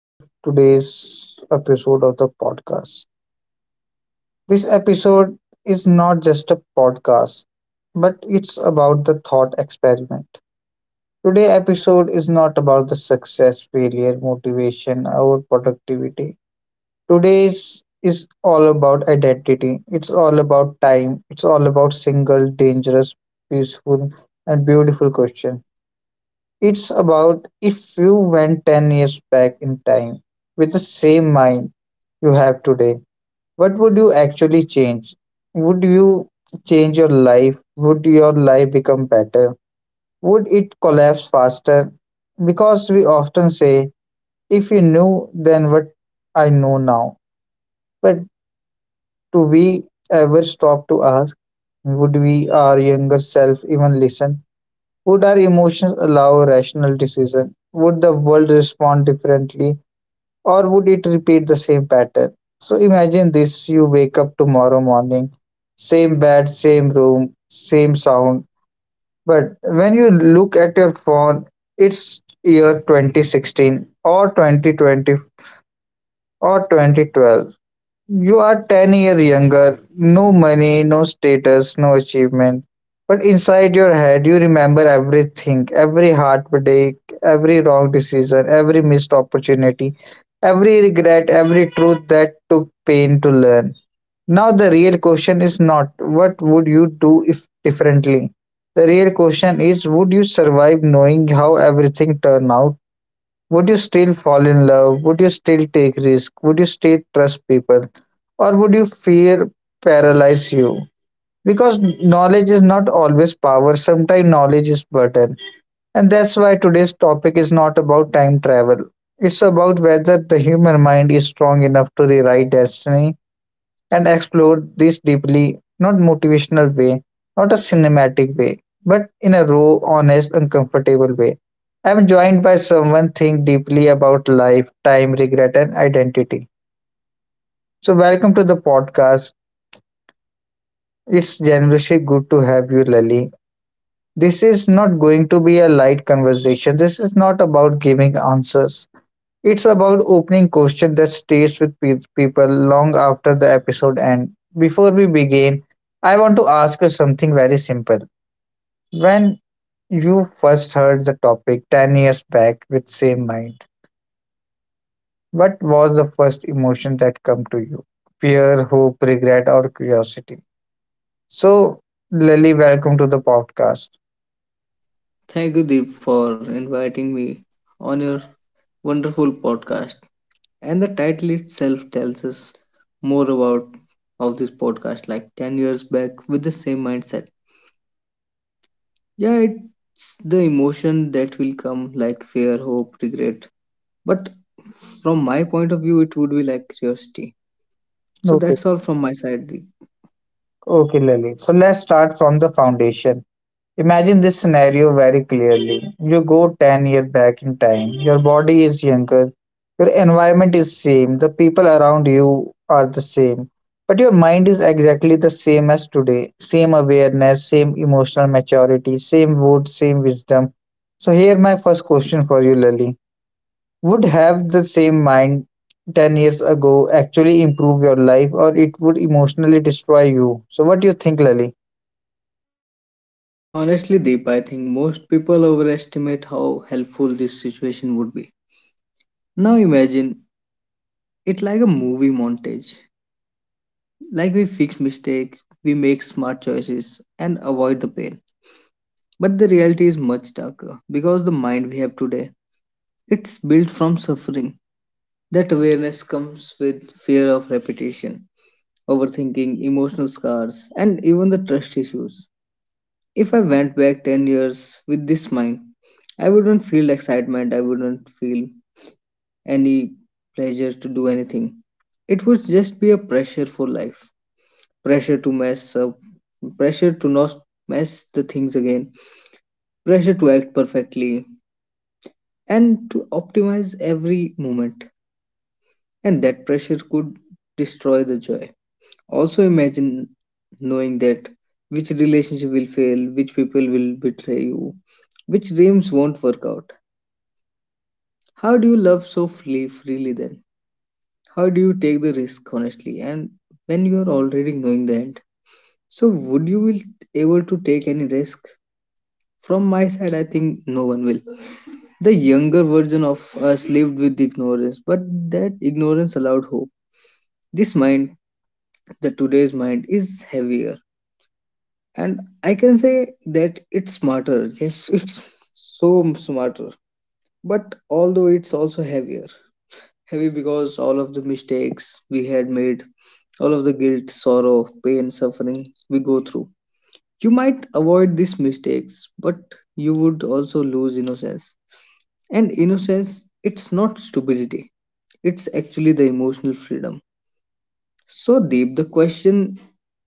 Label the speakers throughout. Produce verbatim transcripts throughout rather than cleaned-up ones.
Speaker 1: to today's episode of the podcast. This episode is not just a podcast, but it's about the thought experiment. Today episode is not about the success, failure, motivation, or productivity. Today's is all about identity. It's all about time. It's all about single, dangerous, peaceful, and beautiful question. It's about if you went ten years back in time with the same mind you have today, what would you actually change? Would you change your life? Would your life become better? Would it collapse faster? Because we often say, if you knew then what I know now. But do we ever stop to ask, would we, our younger self, even listen? Would our emotions allow rational decision? Would the world respond differently? Or would it repeat the same pattern? So imagine this, you wake up tomorrow morning, same bed, same room, same sound. But when you look at your phone, it's year twenty sixteen or twenty twenty or twenty twelve. You are ten years younger, no money, no status, no achievement. But inside your head, you remember everything, every heartbreak, every wrong decision, every missed opportunity, every regret, every truth that took pain to learn. Now, the real question is not what would you do if differently? The real question is, would you survive knowing how everything turned out? Would you still fall in love? Would you still take risk? Would you still trust people? Or would you fear paralyze you? Because knowledge is not always power, sometimes knowledge is burden. And that's why today's topic is not about time travel. It's about whether the human mind is strong enough to rewrite destiny and explore this deeply, not motivational way, not a cinematic way, but in a raw, honest, uncomfortable way. I am joined by someone think deeply about life, time, regret, and identity. So welcome to the podcast. It's generously good to have you, Lily. This is not going to be a light conversation. This is not about giving answers. It's about opening questions that stays with pe- people long after the episode ends. Before we begin, I want to ask you something very simple. When you first heard the topic ten years back with same mind, what was the first emotion that come to you? Fear, hope, regret or curiosity? So, Lily, welcome to the podcast.
Speaker 2: Thank you, Deep, for inviting me on your wonderful podcast. And the title itself tells us more about of this podcast, like ten years back with the same mindset. Yeah, it's the emotion that will come, like fear, hope, regret. But from my point of view, it would be like curiosity. So
Speaker 1: Okay.
Speaker 2: that's all from my side, Deep.
Speaker 1: Okay, Lily. So let's start from the foundation. Imagine this scenario very clearly. You go ten years back in time. Your body is younger. Your environment is same. The people around you are the same. But your mind is exactly the same as today. Same awareness, same emotional maturity, same wood, same wisdom. So here my first question for you, Lily. Would have the same mind ten years ago actually improve your life or it would emotionally destroy you? So what do you think, Lily?
Speaker 2: Honestly, Deep, I think most people overestimate how helpful this situation would be. Now imagine it like a movie montage. Like we fix mistakes, we make smart choices and avoid the pain. But the reality is much darker because the mind we have today, it's built from suffering. That awareness comes with fear of repetition, overthinking, emotional scars, and even the trust issues. If I went back ten years with this mind, I wouldn't feel excitement, I wouldn't feel any pleasure to do anything. It would just be a pressure for life, pressure to mess up, pressure to not mess the things again, pressure to act perfectly, and to optimize every moment. And that pressure could destroy the joy. Also, imagine knowing that which relationship will fail, which people will betray you, which dreams won't work out. How do you love so freely, freely then? How do you take the risk honestly and when you are already knowing the end? So would you will able to take any risk? From my side, I think no one will. The younger version of us lived with ignorance, but that ignorance allowed hope. This mind, the today's mind, is heavier. And I can say that it's smarter. Yes, it's so smarter. But although it's also heavier. Heavy because all of the mistakes we had made, all of the guilt, sorrow, pain, suffering we go through. You might avoid these mistakes, but you would also lose innocence. And innocence, it's not stupidity, it's actually the emotional freedom. So, Deep, the question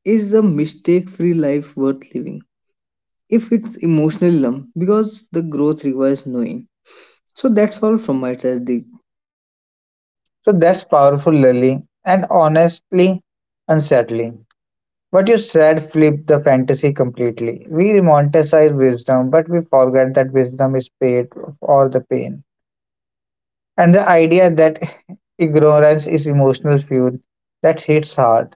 Speaker 2: is a mistake free life worth living? If it's emotional numb, because the growth requires knowing. So, that's all from my side, Deep.
Speaker 1: So that's powerful, Lily, and honestly unsettling. What you said flipped the fantasy completely. We romanticize wisdom, but we forget that wisdom is paid for the pain. And the idea that ignorance is emotional fuel, that hits hard.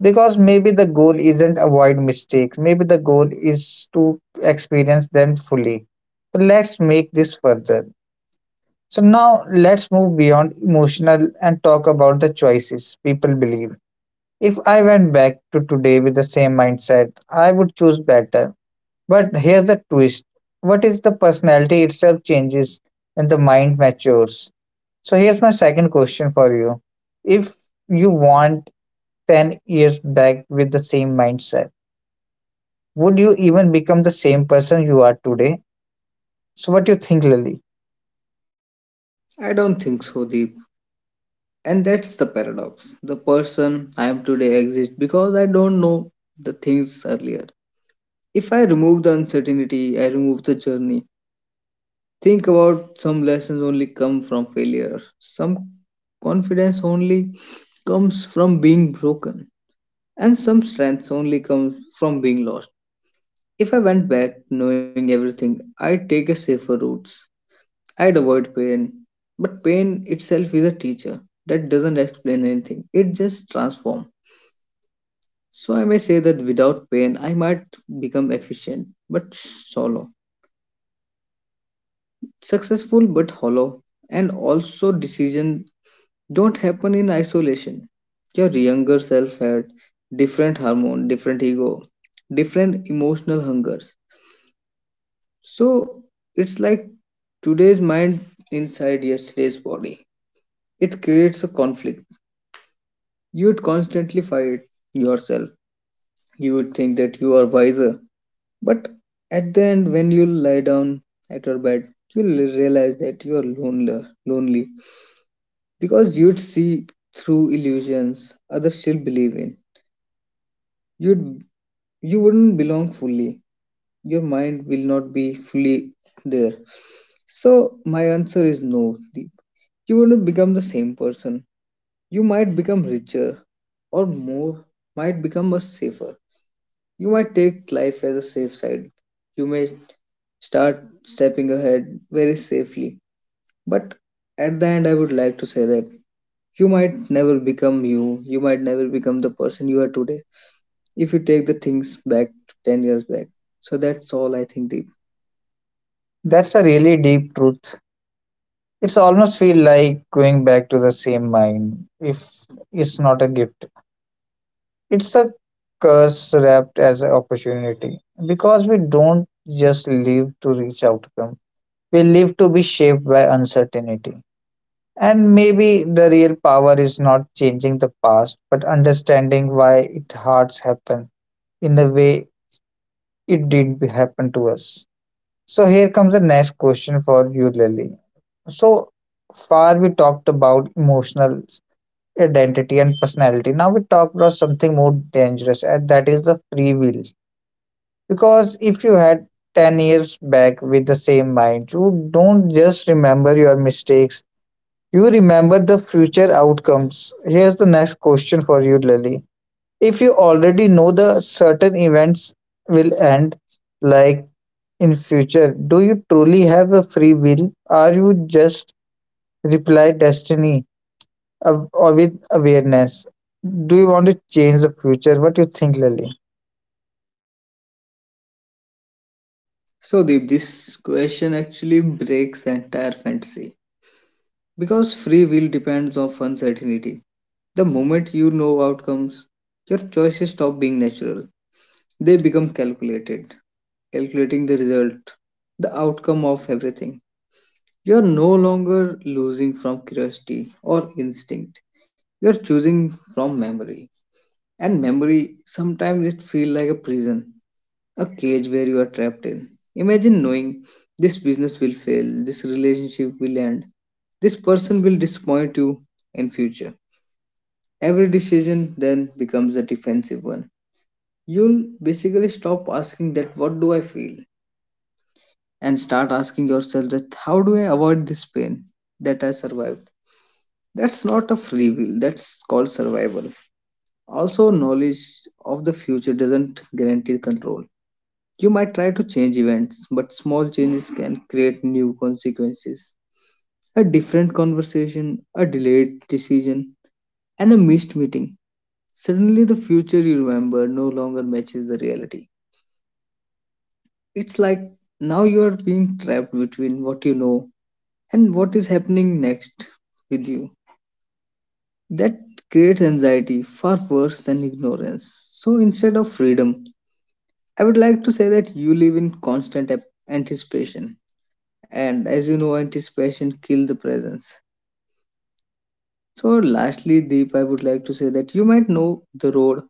Speaker 1: Because maybe the goal isn't avoid mistakes, maybe the goal is to experience them fully. So let's make this further. So now let's move beyond emotional and talk about the choices people believe. If I went back to today with the same mindset, I would choose better. But here's the twist, what is the personality itself changes when the mind matures? So here's my second question for you. If you want ten years back with the same mindset, would you even become the same person you are today? So what do you think, Lily?
Speaker 2: I don't think so, Deep. And that's the paradox. The person I am today exists because I don't know the things earlier. If I remove the uncertainty, I remove the journey. Think about some lessons only come from failure. Some confidence only comes from being broken. And some strengths only come from being lost. If I went back knowing everything, I'd take a safer routes. I'd avoid pain. But pain itself is a teacher that doesn't explain anything. It just transforms. So I may say that without pain, I might become efficient but shallow, successful but hollow, and also decision don't happen in isolation. Your younger self had different hormone, different ego, different emotional hungers. So it's like today's mind inside yesterday's body. It creates a conflict. You would constantly fight yourself. You would think that you are wiser. But at the end, when you lie down at your bed, you'll realize that you are lonely, lonely because you'd see through illusions others still believe in. You'd you wouldn't belong fully. Your mind will not be fully there. So, my answer is no, Deep. You wouldn't become the same person. You might become richer or more, might become much safer. You might take life as a safe side. You may start stepping ahead very safely. But at the end, I would like to say that you might never become you. You might never become the person you are today if you take the things back to ten years back. So that's all I think, Deep.
Speaker 1: That's a really deep truth. It's almost feel like going back to the same mind if it's not a gift. It's a curse wrapped as an opportunity because we don't just live to reach outcome. We live to be shaped by uncertainty. And maybe the real power is not changing the past, but understanding why it hurts happen in the way it did happen to us. So here comes the next question for you, Lily. So far we talked about emotional identity and personality. Now we talk about something more dangerous, and that is the free will. Because if you had ten years back with the same mind, you don't just remember your mistakes, you remember the future outcomes. Here's the next question for you, Lily. If you already know the certain events will end, like in future, do you truly have a free will? Are you just reply destiny uh, or with awareness? Do you want to change the future? What do you think, Lily?
Speaker 2: So, Deep, this question actually breaks the entire fantasy because free will depends on uncertainty. The moment you know outcomes, your choices stop being natural. They become calculated, calculating the result, the outcome of everything. You are no longer losing from curiosity or instinct. You are choosing from memory, and memory sometimes it feels like a prison, a cage where you are trapped in. Imagine knowing this business will fail, this relationship will end, this person will disappoint you in future. Every decision then becomes a defensive one. You'll basically stop asking that what do I feel and start asking yourself that how do I avoid this pain that I survived. That's not a free will, that's called survival. Also knowledge of the future doesn't guarantee control. You might try to change events, but small changes can create new consequences. A different conversation, a delayed decision, and a missed meeting. Suddenly, the future you remember no longer matches the reality. It's like now you are being trapped between what you know and what is happening next with you. That creates anxiety far worse than ignorance. So instead of freedom, I would like to say that you live in constant ap- anticipation. And as you know anticipation kill the presence. So lastly, Deep, I would like to say that you might know the road,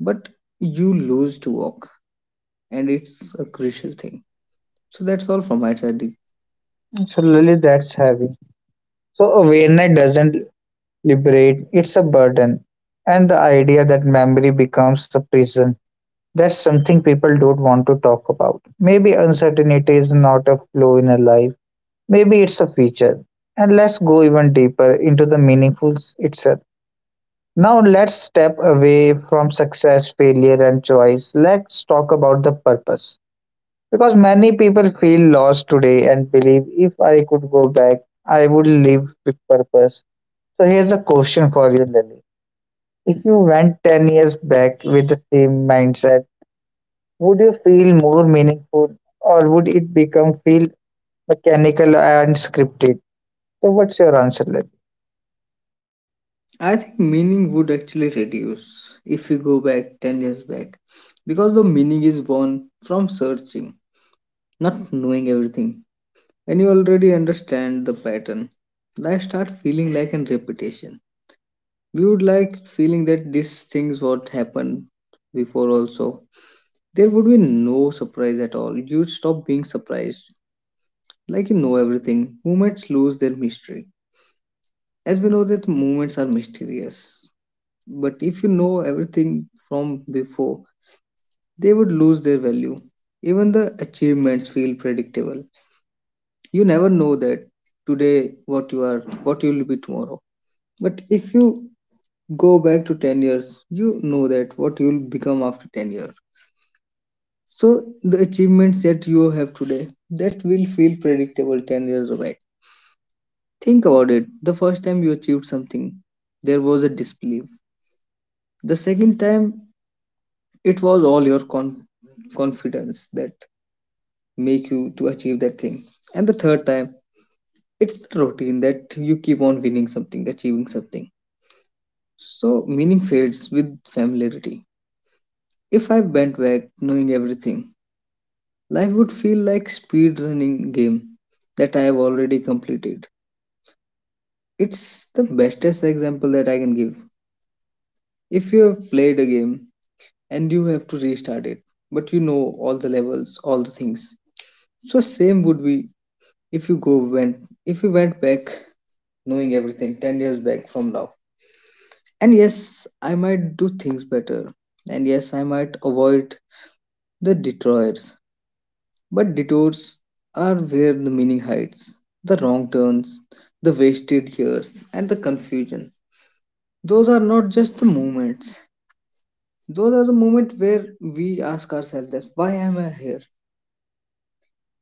Speaker 2: but you lose to walk, and it's a crucial thing. So that's all from my side, Deep.
Speaker 1: So Lily, that's heavy. So awareness doesn't liberate, it's a burden. And the idea that memory becomes a prison, that's something people don't want to talk about. Maybe uncertainty is not a flaw in a life, maybe it's a feature. And let's go even deeper into the meaningful itself. Now, let's step away from success, failure, and choice. Let's talk about the purpose. Because many people feel lost today and believe if I could go back, I would live with purpose. So, here's a question for you, Lily, if you went ten years back with the same mindset, would you feel more meaningful or would it become feel mechanical and scripted? So, what's your answer, Lily?
Speaker 2: I think meaning would actually reduce if we go back ten years back because the meaning is born from searching, not knowing everything. When you already understand the pattern, life starts feeling like a repetition. We would like feeling that these things what happened before also, there would be no surprise at all. You'd stop being surprised. Like you know everything, moments lose their mystery. As we know that moments are mysterious, but if you know everything from before, they would lose their value. Even the achievements feel predictable. You never know that today what you are, what you will be tomorrow. But if you go back to ten years, you know that what you'll become after ten years. So the achievements that you have today, that will feel predictable ten years away. Think about it, the first time you achieved something, there was a disbelief. The second time, it was all your con- confidence that make you to achieve that thing. And the third time, it's the routine that you keep on winning something, achieving something. So meaning fades with familiarity. If I went back knowing everything, life would feel like speedrunning game that I have already completed. It's the bestest example that I can give. If you have played a game and you have to restart it, but you know all the levels, all the things. So same would be if you go went if you went back knowing everything ten years back from now. And yes, I might do things better. And yes, I might avoid the detours. But detours are where the meaning hides. The wrong turns, the wasted years, and the confusion. Those are not just the moments. Those are the moments where we ask ourselves that why am I here?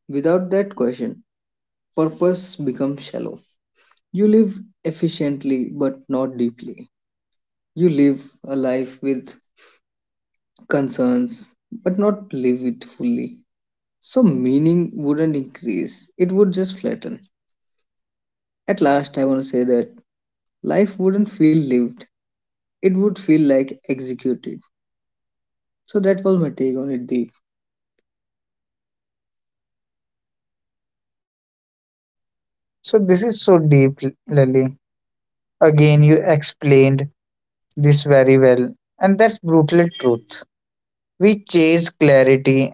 Speaker 2: Without that question, purpose becomes shallow. You live efficiently but not deeply. You live a life with concerns but not live it fully. So meaning wouldn't increase. It would just flatten. At last I wanna say that life wouldn't feel lived, it would feel like executed. So that was my take on it, Deep.
Speaker 1: So, this is so deep, Lily. Again, you explained this very well, and that's brutal truth. We chase clarity,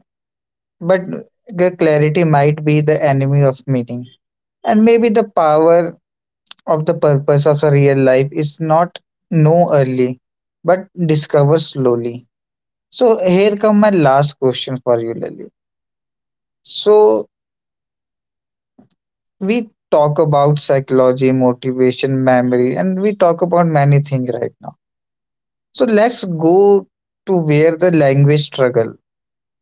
Speaker 1: but the clarity might be the enemy of meaning. And maybe the power of the purpose of a real life is not know early, but discover slowly. So here come my last question for you, Lily. So we talk about psychology, motivation, memory, and we talk about many things right now. So let's go to where the language struggle.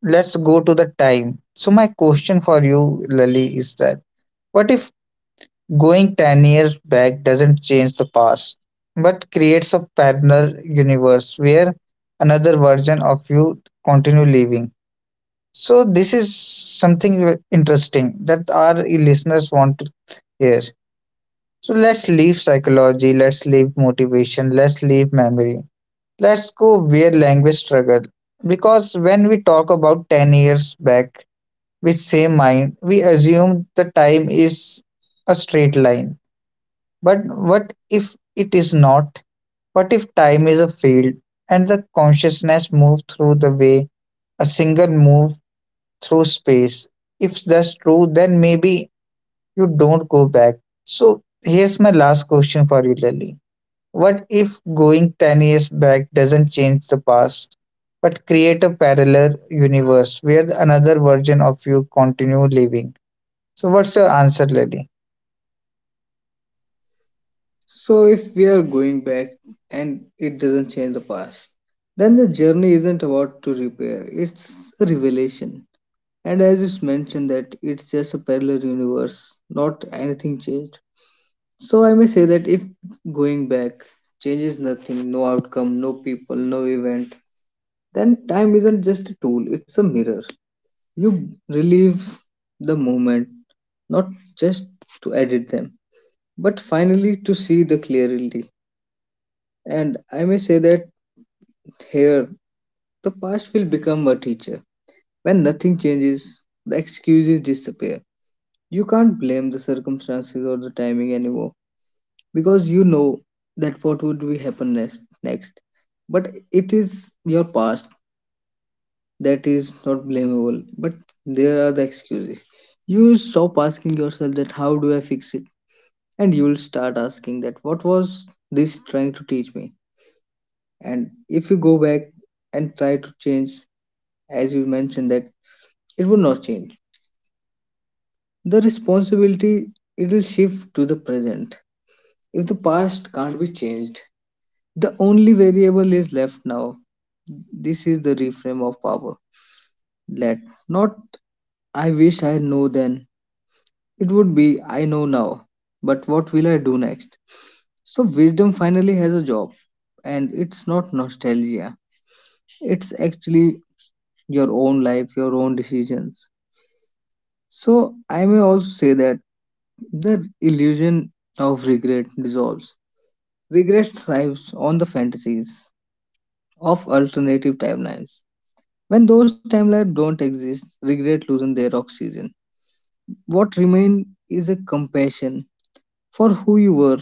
Speaker 1: Let's go to the time. So my question for you, Lily, is that what if going ten years back doesn't change the past, but creates a parallel universe where another version of you continue living? So this is something w- interesting that our listeners want to hear. So let's leave psychology, let's leave motivation, let's leave memory. Let's go where language struggle. Because when we talk about ten years back with same mind, we assume the time is a straight line. But what if it is not? What if time is a field and the consciousness move through the way a single move through space. If that's true, then maybe you don't go back. So here's my last question for you, Lily. What if going ten years back doesn't change the past, but create a parallel universe where another version of you continue living? So what's your answer, Lily?
Speaker 2: So if we are going back and it doesn't change the past, then the journey isn't about to repair, it's a revelation. And as it's mentioned that it's just a parallel universe, not anything changed. So I may say that if going back changes nothing, no outcome, no people, no event, then time isn't just a tool, it's a mirror. You relive the moment, not just to edit them, but finally to see the clarity. And I may say that here, the past will become a teacher. When nothing changes, the excuses disappear. You can't blame the circumstances or the timing anymore because you know that what would be happen next. next. But it is your past that is not blamable, but there are the excuses. You will stop asking yourself that how do I fix it, and you will start asking that what was this trying to teach me. And if you go back and try to change, as you mentioned that, it will not change. The responsibility, it will shift to the present. If the past can't be changed, the only variable is left now. This is the reframe of power, that not, I wish I know then. It would be, I know now, but what will I do next? So, wisdom finally has a job, and it's not nostalgia, it's actually your own life, your own decisions. So, I may also say that the illusion of regret dissolves. Regret thrives on the fantasies of alternative timelines. When those timelines don't exist, regret loses their oxygen. What remains is a compassion for who you were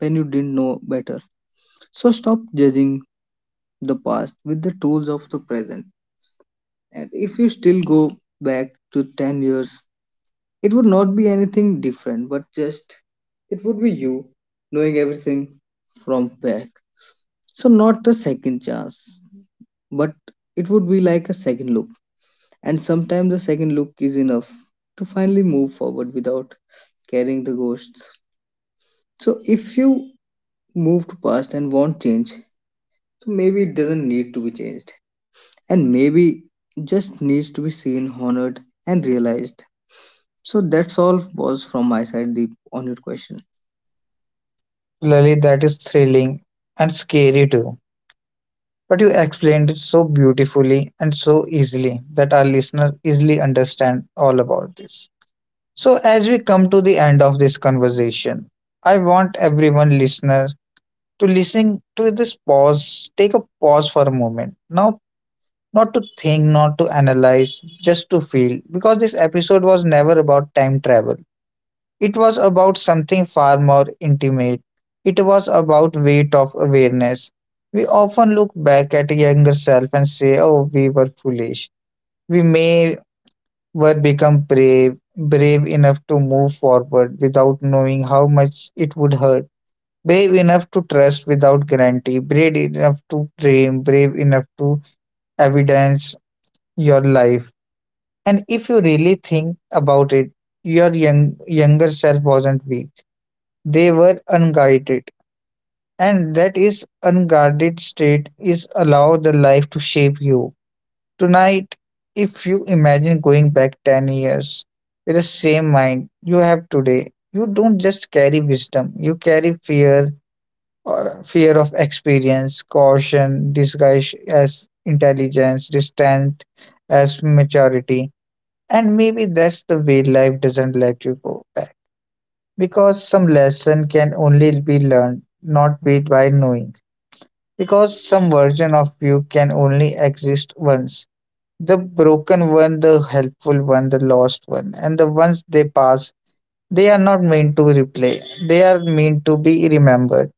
Speaker 2: when you didn't know better. So stop judging the past with the tools of the present. And if you still go back to ten years, it would not be anything different, but just it would be you knowing everything from back. So, not a second chance, but it would be like a second look. And sometimes the second look is enough to finally move forward without carrying the ghosts. So, if you move to past and want change, so maybe it doesn't need to be changed and maybe just needs to be seen, honored, and realized. So that's all was from my side, Deep, on your question.
Speaker 1: Lily, that is thrilling and scary too. But you explained it so beautifully and so easily that our listener easily understand all about this. So, as we come to the end of this conversation, I want everyone listener to listen to this pause, take a pause for a moment. Now, not to think, not to analyze, just to feel, because this episode was never about time travel. It was about something far more intimate. It was about weight of awareness. We often look back at a younger self and say, oh, we were foolish. We may were become brave, brave enough to move forward without knowing how much it would hurt, brave enough to trust without guarantee, brave enough to dream, brave enough to evidence your life. And if you really think about it, your young, younger self wasn't weak. They were unguided. And that is unguarded state is allow the life to shape you. Tonight, if you imagine going back ten years with the same mind you have today, you don't just carry wisdom, you carry fear, uh, fear of experience, caution, disguised as intelligence, distance as maturity. And maybe that's the way life doesn't let you go back. Because some lesson can only be learned, not be by knowing. Because some version of you can only exist once. The broken one, the helpful one, the lost one, and the ones they pass, they are not meant to replay. They are meant to be remembered.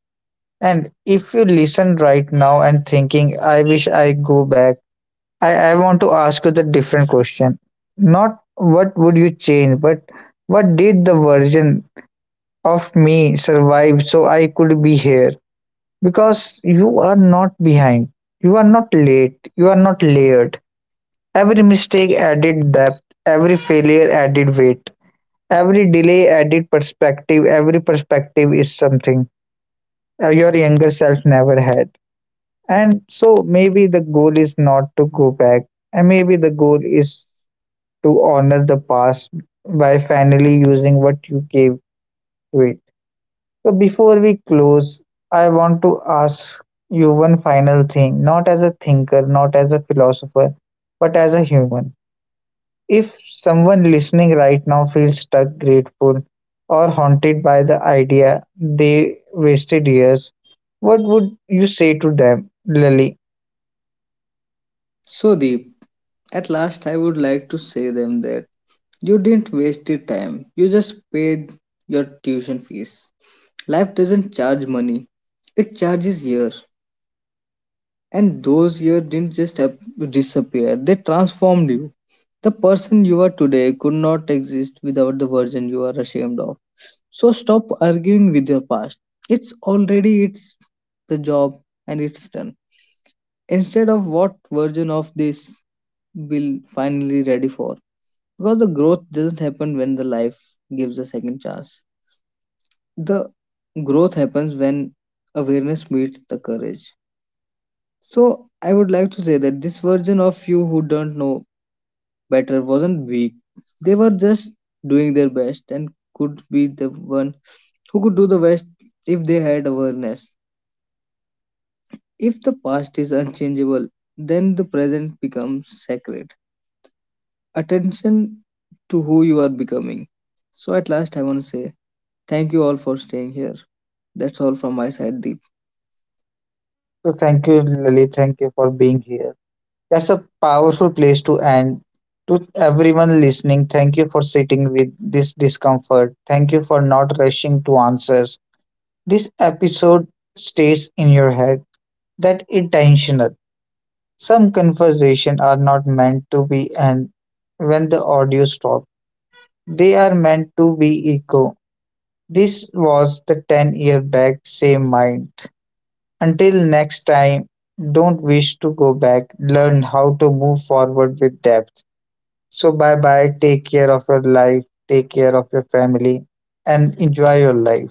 Speaker 1: And if you listen right now and thinking, I wish I go back, I, I want to ask you the different question. Not what would you change, but what did the version of me survive so I could be here? Because you are not behind. You are not late. You are not layered. Every mistake added depth, every failure added weight, every delay added perspective, every perspective is something uh, your younger self never had. And so maybe the goal is not to go back, and maybe the goal is to honor the past by finally using what you gave to it. So before we close, I want to ask you one final thing, not as a thinker, not as a philosopher, but as a human. If someone listening right now feels stuck, grateful, or haunted by the idea they wasted years, what would you say to them, Lily?
Speaker 2: So Deep, at last I would like to say them that you didn't waste your time. You just paid your tuition fees. Life doesn't charge money; it charges year. And those years didn't just ap- disappear, they transformed you. The person you are today could not exist without the version you are ashamed of. So stop arguing with your past. It's already it's the job and it's done. Instead of what version of this will finally ready for. Because the growth doesn't happen when the life gives a second chance. The growth happens when awareness meets the courage. So I would like to say that this version of you who don't know better wasn't weak. They were just doing their best and could be the one who could do the best if they had awareness. If the past is unchangeable, then the present becomes sacred. Attention to who you are becoming. So at last I want to say thank you all for staying here. That's all from my side, Deep.
Speaker 1: So thank you, Lily. Thank you for being here. That's a powerful place to end. To everyone listening, thank you for sitting with this discomfort. Thank you for not rushing to answers. This episode stays in your head. That intentional. Some conversations are not meant to be end when the audio stops. They are meant to be echo. This was the ten year back same mind. Until next time, don't wish to go back. Learn how to move forward with depth. So bye bye. Take care of your life. Take care of your family and enjoy your life.